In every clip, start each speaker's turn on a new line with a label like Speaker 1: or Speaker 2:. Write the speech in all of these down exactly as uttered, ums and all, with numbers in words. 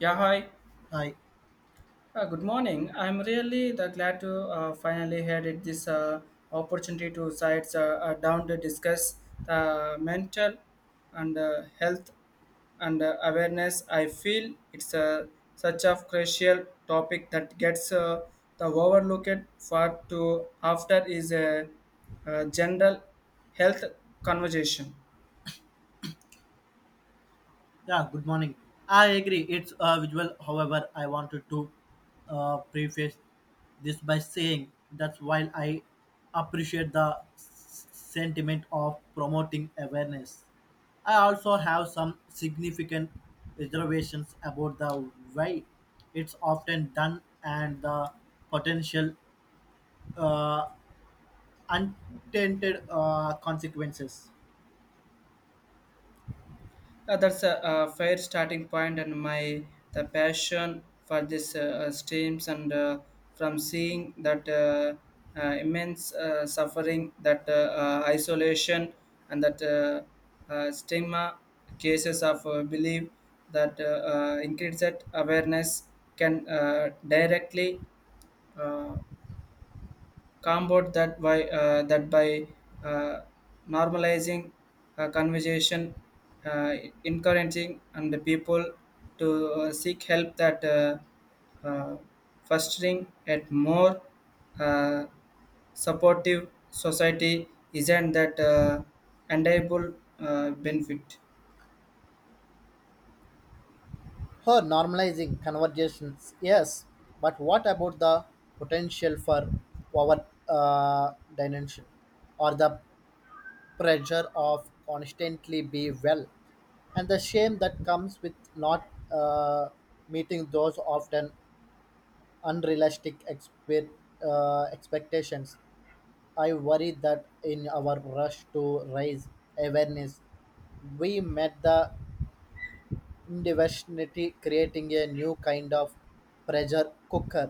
Speaker 1: Yeah, hi.
Speaker 2: Hi.
Speaker 1: Uh, good morning. I'm really the glad to uh, finally had it this uh, opportunity to sit uh, uh, down to discuss the mental and uh, health and uh, awareness. I feel it's uh, such a crucial topic that gets uh, the overlooked for to after is a, a general health conversation.
Speaker 2: Yeah, good morning. I agree. It's uh, visual. However, I wanted to uh, preface this by saying that while I appreciate the s- sentiment of promoting awareness, I also have some significant reservations about the way it's often done and the potential uh, unintended uh, consequences.
Speaker 1: Uh, that's a, uh fair starting point, and my the passion for this uh, uh, streams and uh, from seeing that uh, uh, immense uh, suffering, that uh, uh, isolation, and that uh, uh, stigma cases of uh, belief that uh, uh, increased awareness can uh, directly uh, compound that by uh, that by uh, normalizing uh, conversation, uh, encouraging and the people to uh, seek help that uh, uh, fostering a more uh, supportive society isn't that uh, enviable uh, benefit.
Speaker 2: Her normalizing conversations, yes, but what about the potential for our uh, dimension or the pressure of constantly be well and the shame that comes with not uh, meeting those often unrealistic expe uh, expectations? I worry that in our rush to raise awareness, we met the definitely creating a new kind of pressure cooker.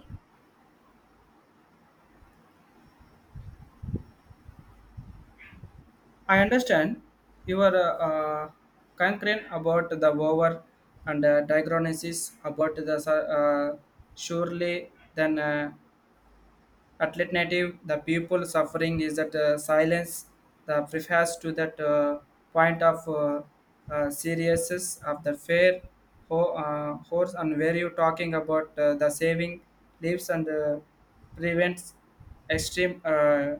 Speaker 1: I understand you are uh, concerned about the over and uh, diagnosis about the su- uh, surely then uh, alternative the people suffering is that uh, silence the prefers to that uh, point of uh, uh, seriousness of the fair ho- uh, horse and where you talking about uh, the saving leaves and uh, prevents extreme uh,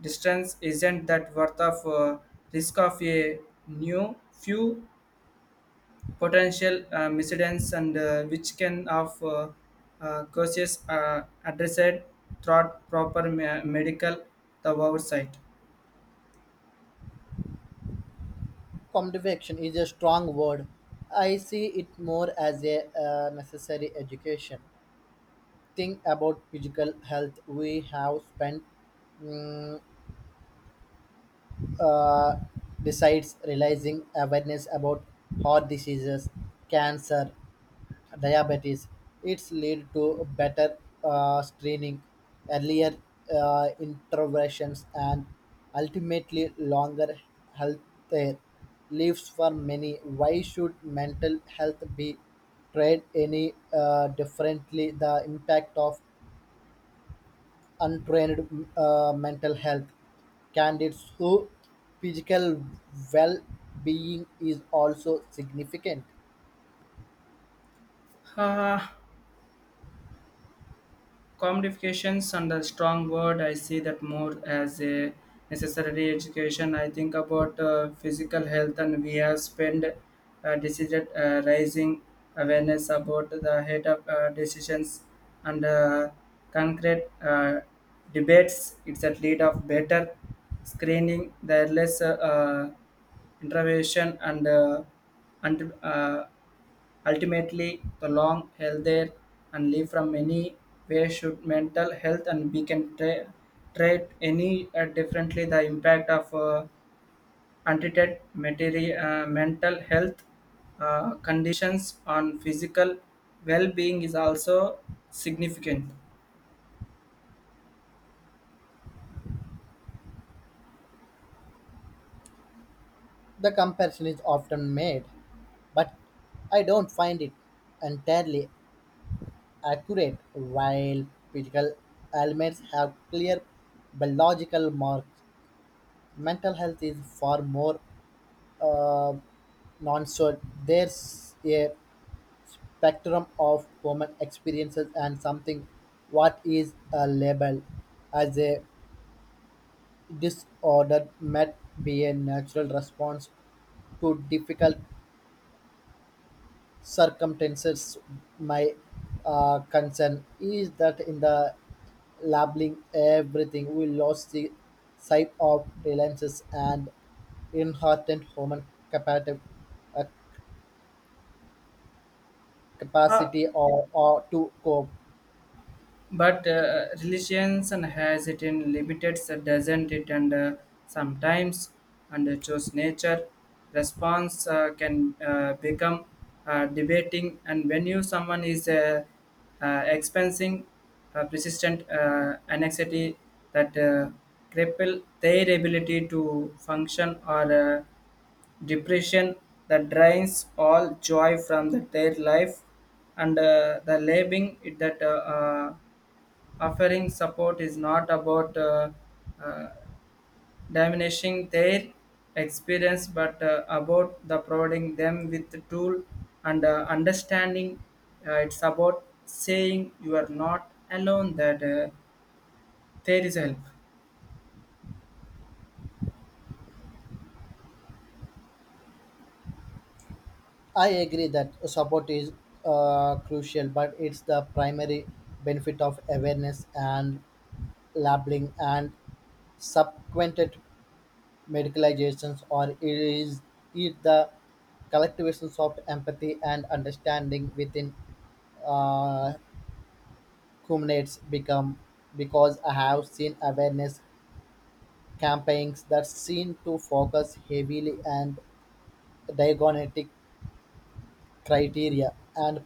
Speaker 1: distance isn't that worth of uh, risk of a new few potential uh, miscedents and uh, which can of uh, uh, causes uh, addressed through proper me- medical the oversight.
Speaker 2: Conviction is a strong word. I see it more as a uh, necessary education. Think about physical health. We have spent mm, uh, besides realizing awareness about heart diseases, cancer, diabetes. It's lead to better uh, screening, earlier uh, interventions, and ultimately longer health care lives for many. Why should mental health be treated any uh, differently? The impact of untrained uh, mental health candidates who physical well-being is also significant.
Speaker 1: Uh, Commodifications and a strong word. I see that more as a necessary education. I think about uh, physical health and we have spent uh, decided uh, raising awareness about the head of uh, decisions and uh, concrete uh, debates. It's a lead of better screening the less uh, uh, intervention and uh, and uh, ultimately, the long held there and live from many ways should mental health and we can tra- treat any uh, differently. The impact of uh, untreated material, uh, mental health uh, conditions on physical well-being is also significant.
Speaker 2: The comparison is often made, but I don't find it entirely accurate. While physical ailments have clear biological marks, mental health is far more uh, non so there's a spectrum of human experiences and something what is uh, labeled as a disorder might be a natural response to difficult circumstances. My uh, concern is that in the labeling everything, we lost the sight of reliances and inherent human capacity, uh,
Speaker 1: Uh,
Speaker 2: capacity or, or to cope.
Speaker 1: but uh, religions and has it in limited so doesn't it and uh, sometimes and uh, choose nature response uh, can uh, become uh, debating and when you someone is uh, uh, experiencing uh, persistent uh, anxiety that uh, cripple their ability to function or uh, depression that drains all joy from the, their life and uh, the labeling it that uh, uh, offering support is not about uh, uh, diminishing their experience, but uh, about the providing them with the tool and uh, understanding. Uh, it's about saying you are not alone. That uh, there is help.
Speaker 2: I agree that support is uh, crucial, but it's the primary benefit of awareness and labeling and subsequent medicalizations, or is it the collectivizations of empathy and understanding within uh, culminates become because I have seen awareness campaigns that seem to focus heavily on diagnostic criteria and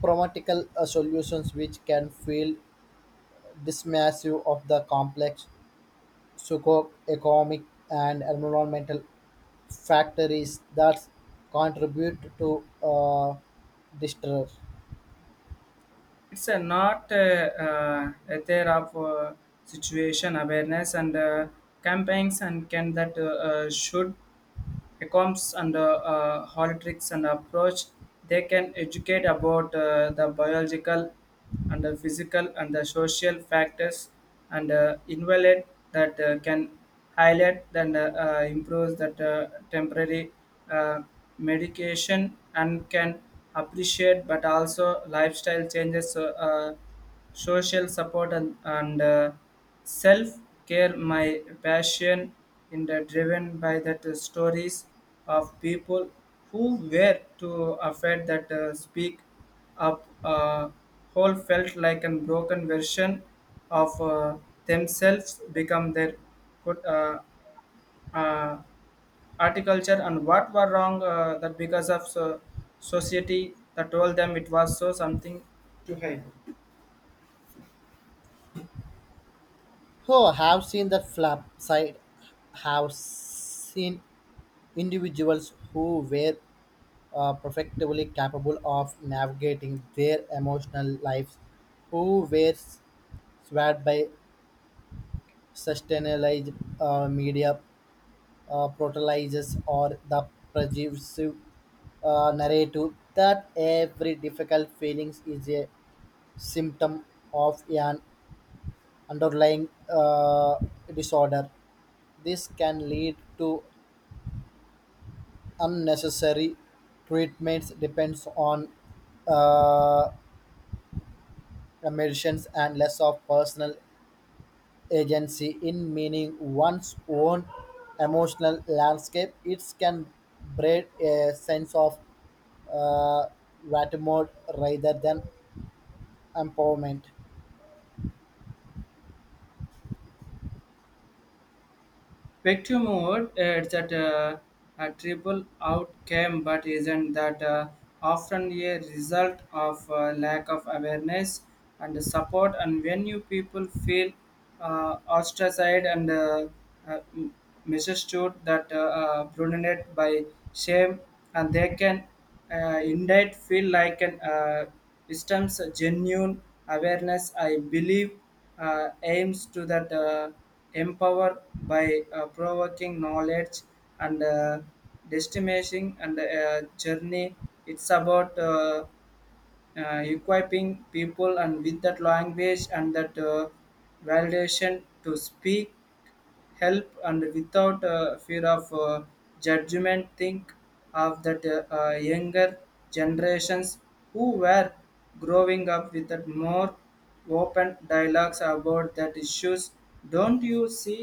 Speaker 2: promatical uh, solutions which can feel dismissive of the complex psychoeconomic and environmental factories that contribute to uh, distress.
Speaker 1: It's a not uh, uh, a there of uh, situation awareness and uh, campaigns and can that uh, uh, should accounts and uh, uh, holitrics and approach. They can educate about uh, the biological and the physical and the social factors and uh, invalid that uh, can highlight and uh, uh, improves that uh, temporary uh, medication and can appreciate but also lifestyle changes uh, uh, social support and, and uh, self care, my passion, in the driven by that uh, stories of people who were to affect that uh, speak up. Uh, whole felt like a broken version of uh, themselves become their good uh, uh, articulture and what were wrong uh, that because of so, society that told them it was so something.
Speaker 2: Oh, have seen the flap side. Have seen individuals who were uh, perfectly capable of navigating their emotional lives, who were swayed by sustainalized uh, media uh, protolizes or the pervasive uh, narrative that every difficult feelings is a symptom of an underlying uh, disorder. This can lead to unnecessary treatments depends on uh, medicines and less of personal agency in meaning one's own emotional landscape. It can breed a sense of uh, mode rather than empowerment.
Speaker 1: Vector mode, it's that uh, a triple outcome, but isn't that uh, often a result of uh, lack of awareness and support? And when you people feel uh, ostracized and uh, uh, m- misunderstood, that uh, uh, dominated by shame, and they can uh, indeed feel like an uh, wisdom's genuine awareness. I believe uh, aims to that uh, empower by uh, provoking knowledge and uh, destination and uh, journey. It's about uh, uh, equipping people and with that language and that uh, validation to speak help and without uh, fear of uh, judgment. Think of that uh, uh, younger generations who were growing up with that more open dialogues about that issues. Don't you see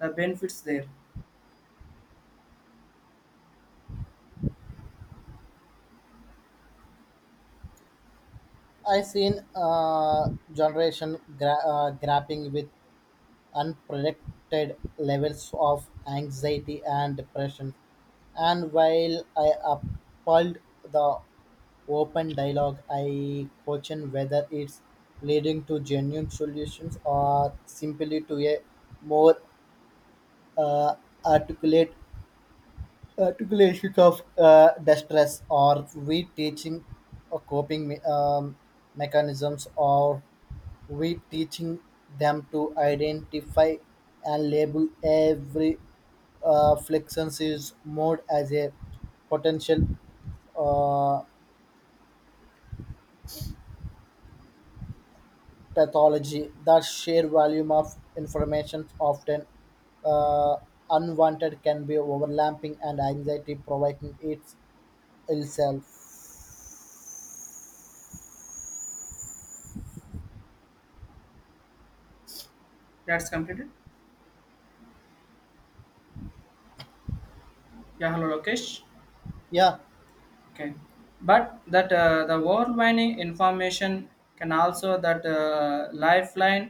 Speaker 1: the benefits there?
Speaker 2: I seen uh, generation gra- uh, grappling with unprotected levels of anxiety and depression. And while I applaud the open dialogue, I question whether it's leading to genuine solutions or simply to a more uh, articulate uh, typical issues of uh, distress or we teaching or coping me- um, mechanisms or we teaching them to identify and label every uh, flexion's mode as a potential uh, pathology that sheer volume of information often uh, unwanted can be overlapping and anxiety provoking its itself
Speaker 1: That's completed. Yeah, hello Lokesh.
Speaker 2: yeah
Speaker 1: Okay. But that uh, the overwhelming information can also that uh, lifeline.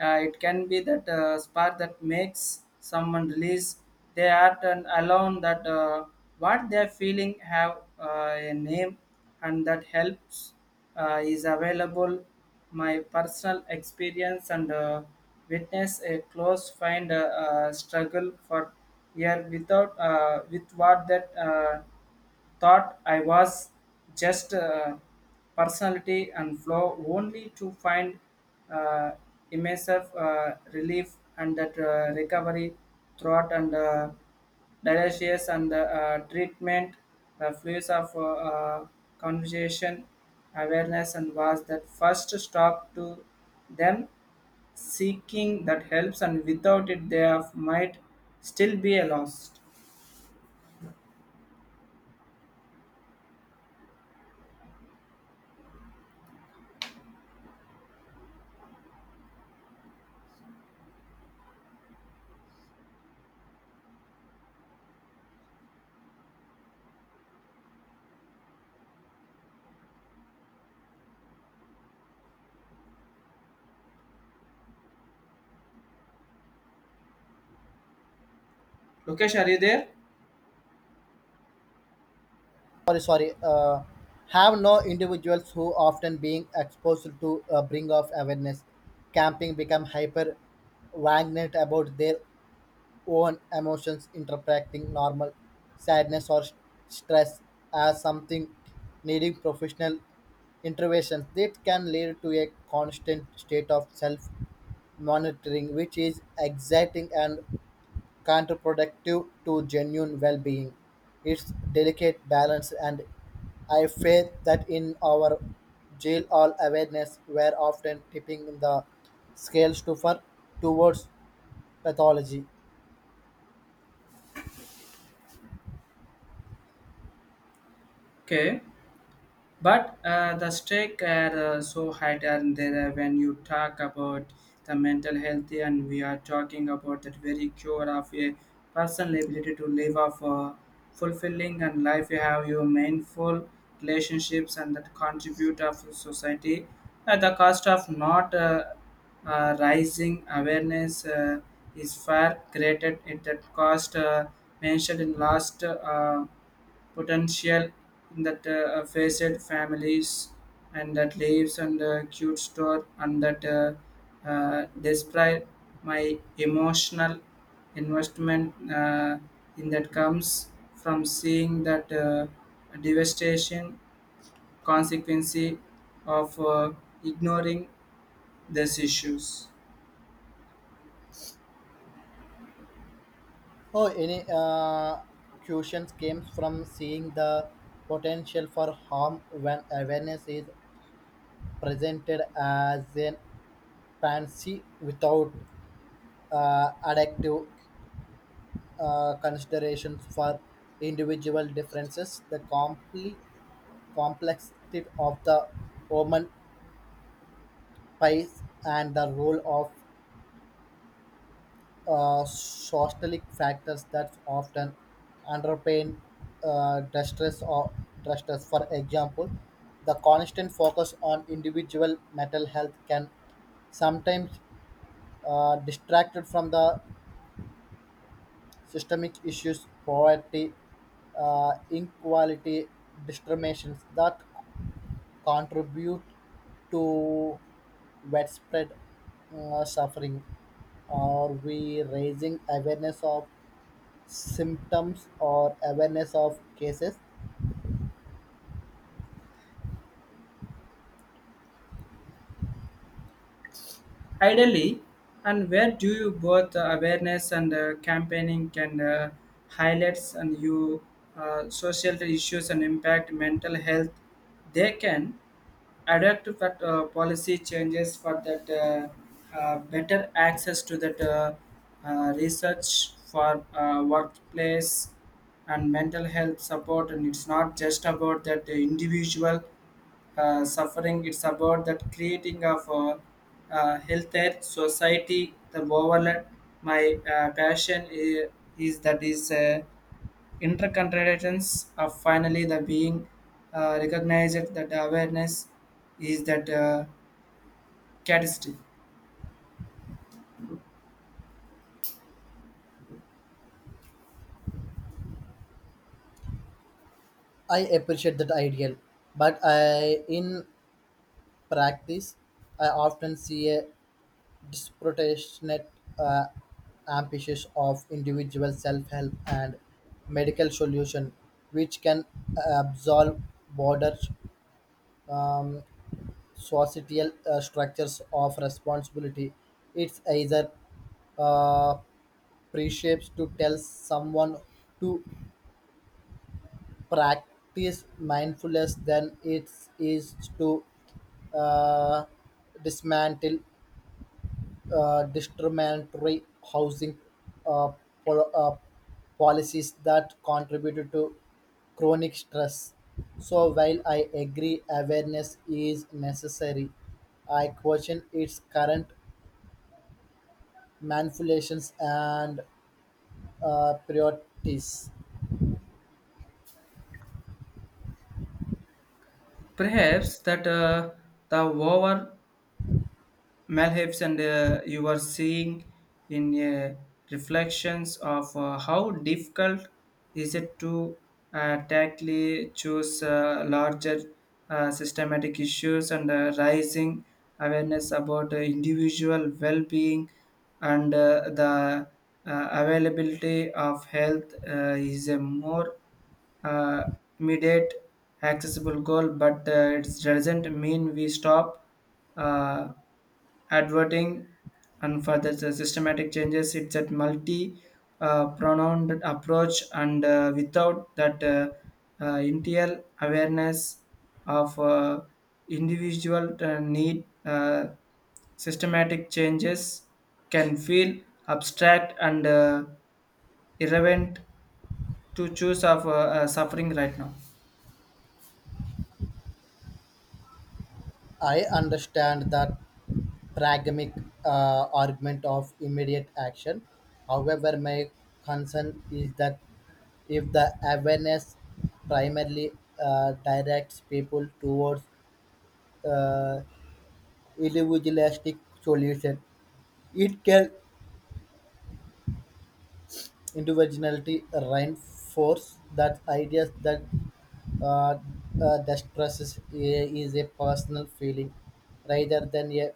Speaker 1: uh, It can be that uh, spark that makes someone release they are and alone. That uh, what they're feeling have uh, a name and that helps uh, is available. My personal experience and uh, witness a close find uh, uh, struggle for year without uh, with what that uh, thought I was just a personality and flow only to find uh, immersive uh, relief and that uh, recovery throughout and uh, delicious and uh, treatment. The fluids of uh, uh, conversation awareness and was that first stop to them seeking that helps and without it they have, might still be a lost. Lokesh, are you there?
Speaker 2: sorry sorry uh, Have no individuals who often being exposed to uh, bring of awareness camping become hyper vigilant about their own emotions interpreting normal sadness or st- stress as something needing professional intervention that can lead to a constant state of self monitoring which is exciting and counterproductive to genuine well being. It's delicate balance, and I fear that in our jail all awareness were often tipping the scales to far towards pathology.
Speaker 1: Okay. But uh, the stake are uh, so high down there uh, when you talk about the mental health, and we are talking about that very cure of a personal ability to live off a fulfilling and life. You have your meaningful relationships and that contribute of society at the cost of not uh, uh, rising awareness uh, is far greater at that cost uh, mentioned in last. Uh, potential that uh, faced families and that lives and uh, cute store and that uh, uh, describe my emotional investment uh, in that comes from seeing that uh, devastation consequence of uh, ignoring these issues.
Speaker 2: Oh, any uh, questions came from seeing the potential for harm when awareness is presented as an fancy without uh, adaptive uh, consideration for individual differences, the compli- complexity of the Roman pies and the role of uh, socialic factors that often underpin uh, distress or distress. For example, the constant focus on individual mental health can sometimes uh, distracted from the systemic issues, poverty, uh, inequality, discriminations that contribute to widespread uh, suffering? Are we raising awareness of symptoms or awareness of cases?
Speaker 1: Ideally, and where do you both uh, awareness and uh, campaigning can uh, highlights and you uh, social issues and impact mental health. They can adapt to that uh, policy changes for that uh, uh, better access to that uh, uh, research for uh, workplace and mental health support and it's not just about that the individual uh, suffering. It's about that creating of a, uh, healthier society the overall. My uh, passion is, is that is uh, intercontinentals are finally the being uh, recognized that the awareness is that uh, catalyst.
Speaker 2: I appreciate that ideal, but I in practice I often see a disproportionate uh, emphasis of individual self-help and medical solution, which can uh, absolve broader um, societal uh, structures of responsibility. It's either uh, precepts to tell someone to practice mindfulness than it is to uh, dismantle uh, discriminatory housing uh, pol- uh, policies that contributed to chronic stress. So while I agree awareness is necessary, I question its current manipulations and uh, priorities.
Speaker 1: Perhaps that uh, the over Malhips and uh, you are seeing in uh, reflections of uh, how difficult is it to uh, tactily choose uh, larger uh, systematic issues and uh, rising awareness about uh, individual well-being and uh, the uh, availability of health uh, is a more uh, immediate accessible goal. But uh, it doesn't mean we stop uh, adverting and for the the systematic changes. It's a multi uh, pronged approach and uh, without that uh, uh, intel awareness of uh, individual uh, need uh, systematic changes can feel abstract and uh, irrelevant to choose of uh, uh, suffering right now.
Speaker 2: I understand that pragmatic uh, argument of immediate action. However, my concern is that if the awareness primarily uh, directs people towards uh, individualistic solution, it can individuality reinforce that ideas that uh, uh, distress is, is a personal feeling rather than a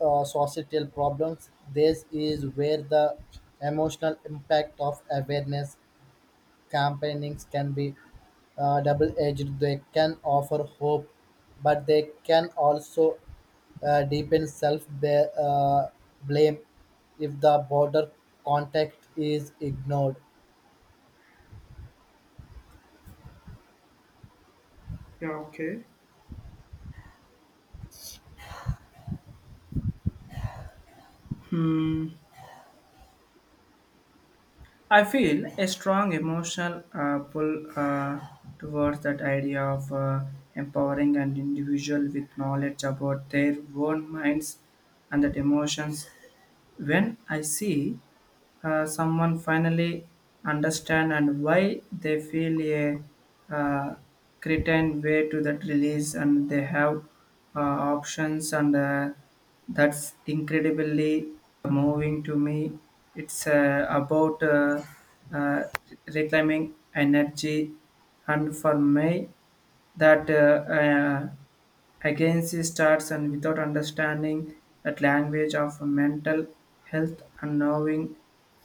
Speaker 2: uh, societal problems. This is where the emotional impact of awareness campaignings can be uh, double edged. They can offer hope, but they can also uh, deepen self ba- uh, blame if the border context is ignored.
Speaker 1: Yeah, okay. Hmm. I feel a strong emotional uh, pull uh, towards that idea of uh, empowering an individual with knowledge about their own minds and that emotions. When I see uh, someone finally understand and why they feel a uh, cretin way to that release and they have uh, options and uh, that's incredibly moving to me. It's uh, about uh, uh, reclaiming energy and for me that uh, uh, agency starts and without understanding that language of mental health and knowing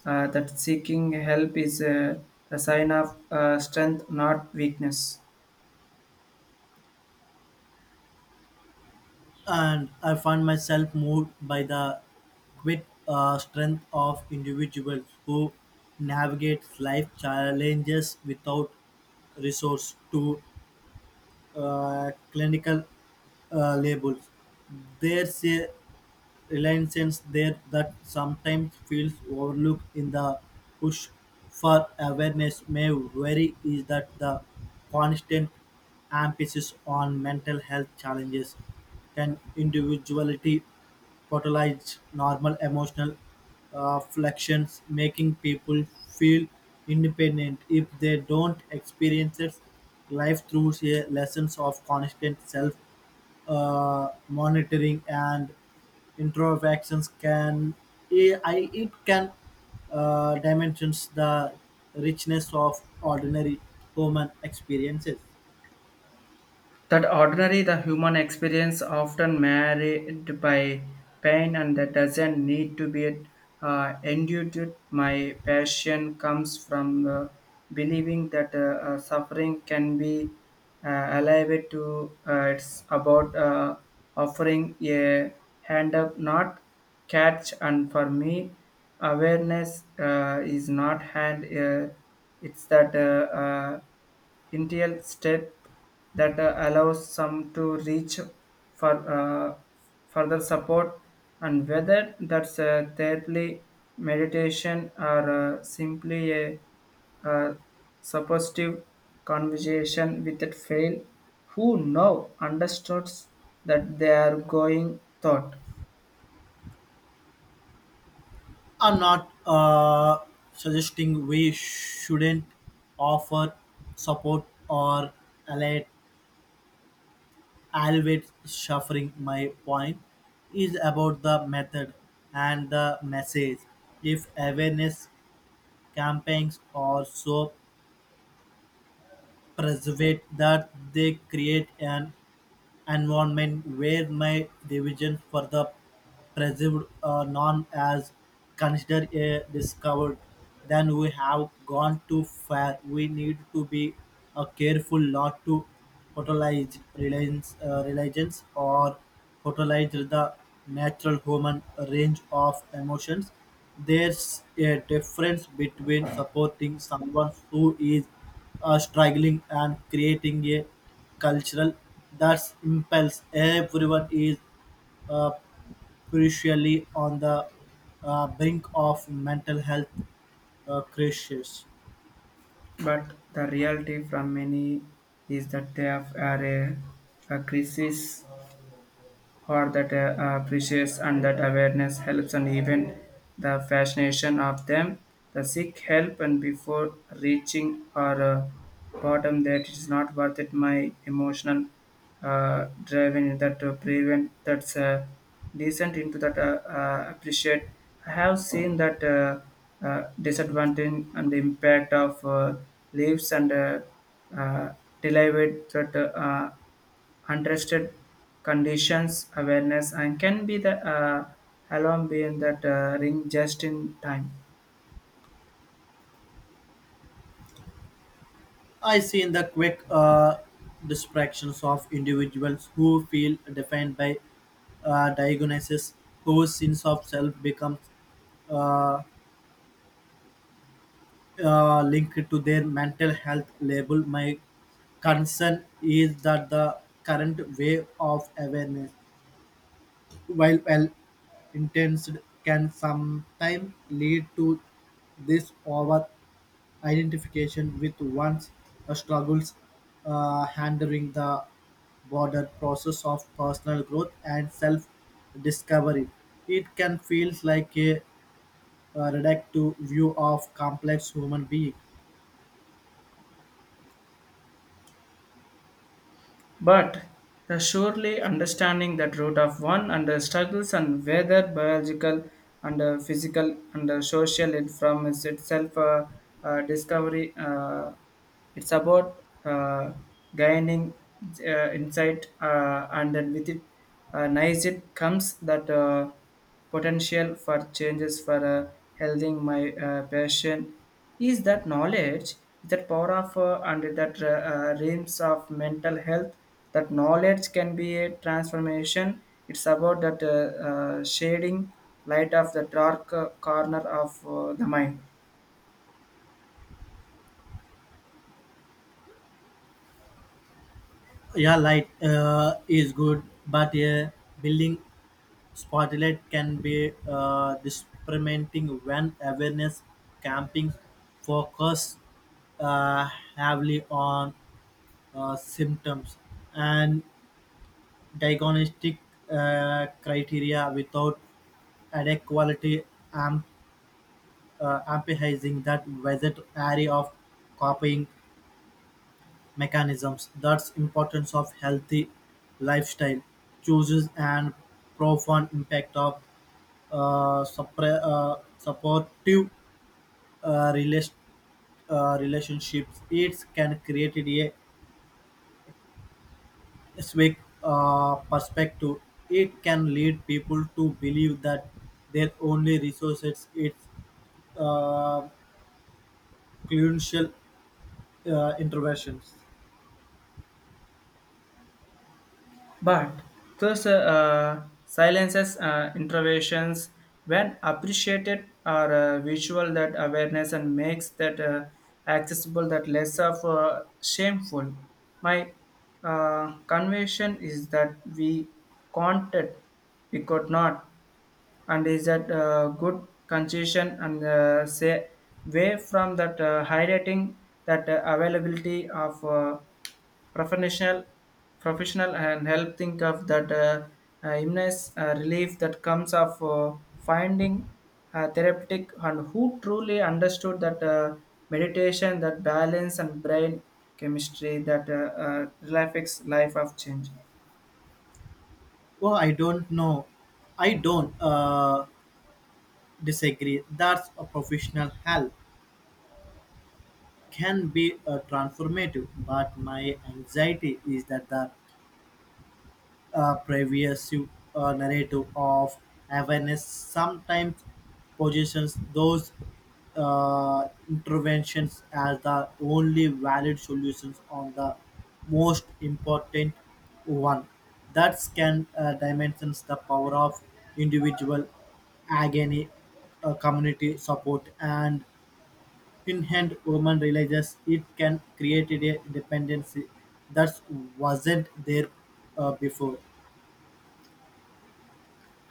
Speaker 1: uh, that seeking help is uh, a sign of uh, strength, not weakness.
Speaker 2: And I find myself moved by the great uh, strength of individuals who navigate life challenges without resource to uh, clinical uh, labels. There's a reliance there that sometimes feels overlooked in the push for awareness may vary is that the constant emphasis on mental health challenges can individuality catalyzes normal emotional uh, fluctuations, making people feel independent if they don't experience it. Life through a lessons of constant self uh, monitoring and introspections can I, I- it can uh, dimensions the richness of ordinary human experiences.
Speaker 1: That ordinary the human experience often married by pain and that doesn't need to be uh, endured. My passion comes from uh, believing that uh, uh, suffering can be uh, alive to uh, it's about uh, offering a hand up, not catch. And for me, awareness uh, is not hand. Uh, it's that. Uh, uh, initial step that uh, allows some to reach for uh, further support and whether that's uh, thirdly meditation or uh, simply a, uh suppositive conversation with a fail who now understands that they are going thought.
Speaker 2: I'm not uh, suggesting we shouldn't offer support or alleviate, alleviate suffering. My point is about the method and the message. If awareness campaigns also preservate that they create an environment where my division for the perceived uh, none as considered a discovered, then we have gone too far. We need to be uh, careful not to totalize reliance, uh, religions or totalize the natural human range of emotions. There's a difference between supporting someone who is uh, struggling and creating a cultural that's impels everyone is uh, crucially on the uh, brink of mental health uh, crisis.
Speaker 1: But the reality from many is that they have, are a, a crisis or that uh, uh, appreciates and that awareness helps and even the fascination of them the seek help and before reaching our uh, bottom that is not worth it. My emotional uh, driving that uh, prevent that's uh, decent into that uh, uh, appreciate. I have seen that uh, uh, disadvantage and the impact of uh, leaves and uh, uh, delivered that uh, untested conditions awareness and can be the uh, alarm being that uh, ring just in time.
Speaker 2: I see in the quick uh, distractions of individuals who feel defined by uh, diagnosis, whose sense of self becomes uh, uh, linked to their mental health label. My concern is that the current wave of awareness, while well intense, can sometimes lead to this over. Identification with one's uh, struggles, uh, handling the broader process of personal growth and self-discovery. It can feel like a, uh reductive view of complex human being.
Speaker 1: But the surely understanding that root of one and the struggles and whether biological and uh, physical and uh, social it from is itself uh, uh, discovery. Uh, it's about uh, gaining uh, insight uh, and then with it uh, nice it comes that. Uh, potential for changes for uh, helping. My uh, passion is that knowledge that power of uh, and that uh, uh, realms of mental health. That knowledge can be a transformation. It's about that uh, uh, shading light of the dark uh, corner of uh, the mind.
Speaker 2: Yeah, light uh, is good, but a building spotlight can be uh, disappointing when awareness camping focus uh, heavily on uh, symptoms and diagnostic uh, criteria without adequately amp- uh, emphasizing that vast array of copying mechanisms. That's importance of healthy lifestyle choices and profound impact of uh, suppre- uh, supportive uh, rela- uh, relationships. It can create a swag uh, perspective. It can lead people to believe that their only resources is uh, crucial uh, interventions.
Speaker 1: But those uh, uh, silences, uh, interventions, when appreciated, are uh, visual that awareness and makes that uh, accessible, that less of uh, shameful. My uh, conviction is that we counted, we could not, and is that uh, good concession and uh, say way from that uh, highlighting that uh, availability of. Uh, professional professional and help think of that uh, uh, illness uh, relief that comes of uh, finding uh, therapeutic and who truly understood that uh, meditation that balance and brain chemistry that uh, uh, relaxes life of change.
Speaker 2: Well, I don't know. I don't uh, disagree. That's a professional help can be uh, transformative, but my anxiety is that the uh, previous uh, narrative of awareness sometimes positions those uh, interventions as the only valid solutions on the most important one. That can uh, dimensions the power of individual agony, uh, community support, and in hand woman realizes it can create a dependency that wasn't there uh, before.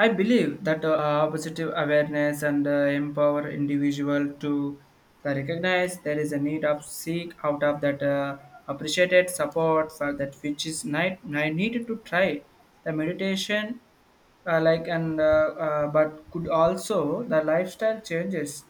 Speaker 1: I believe that uh, positive awareness and uh, empower individual to the recognize there is a need of seek out of that uh, appreciated support for that which is night I needed to try the meditation uh, like and uh, uh, but could also the lifestyle changes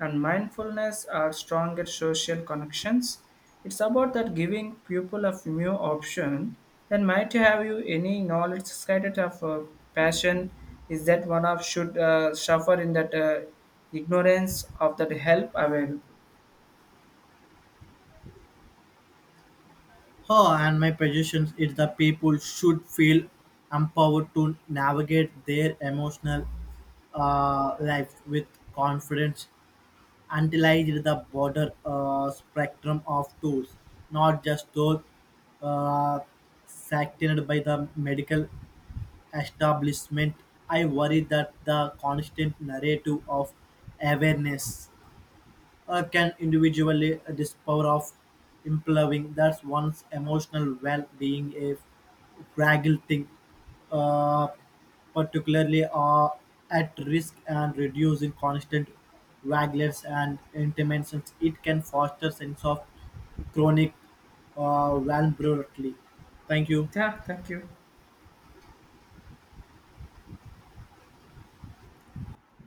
Speaker 1: and mindfulness are stronger social connections. It's about that giving people a new option that might have you any knowledge scattered of uh, passion is that one of should uh, suffer in that uh, ignorance of that help available.
Speaker 2: Her and my position is the people should feel empowered to navigate their emotional uh, life with confidence until I read the broader uh, spectrum of tools, not just those uh, sanctioned by the medical establishment. I worry that the constant narrative of awareness uh, can individually uh, this power of improving that's one's emotional well-being a fragile thing uh, particularly uh, at risk and reducing constant wagglers and interventions it can foster sense of chronic uh, vulnerability. Thank you.
Speaker 1: Yeah, thank you.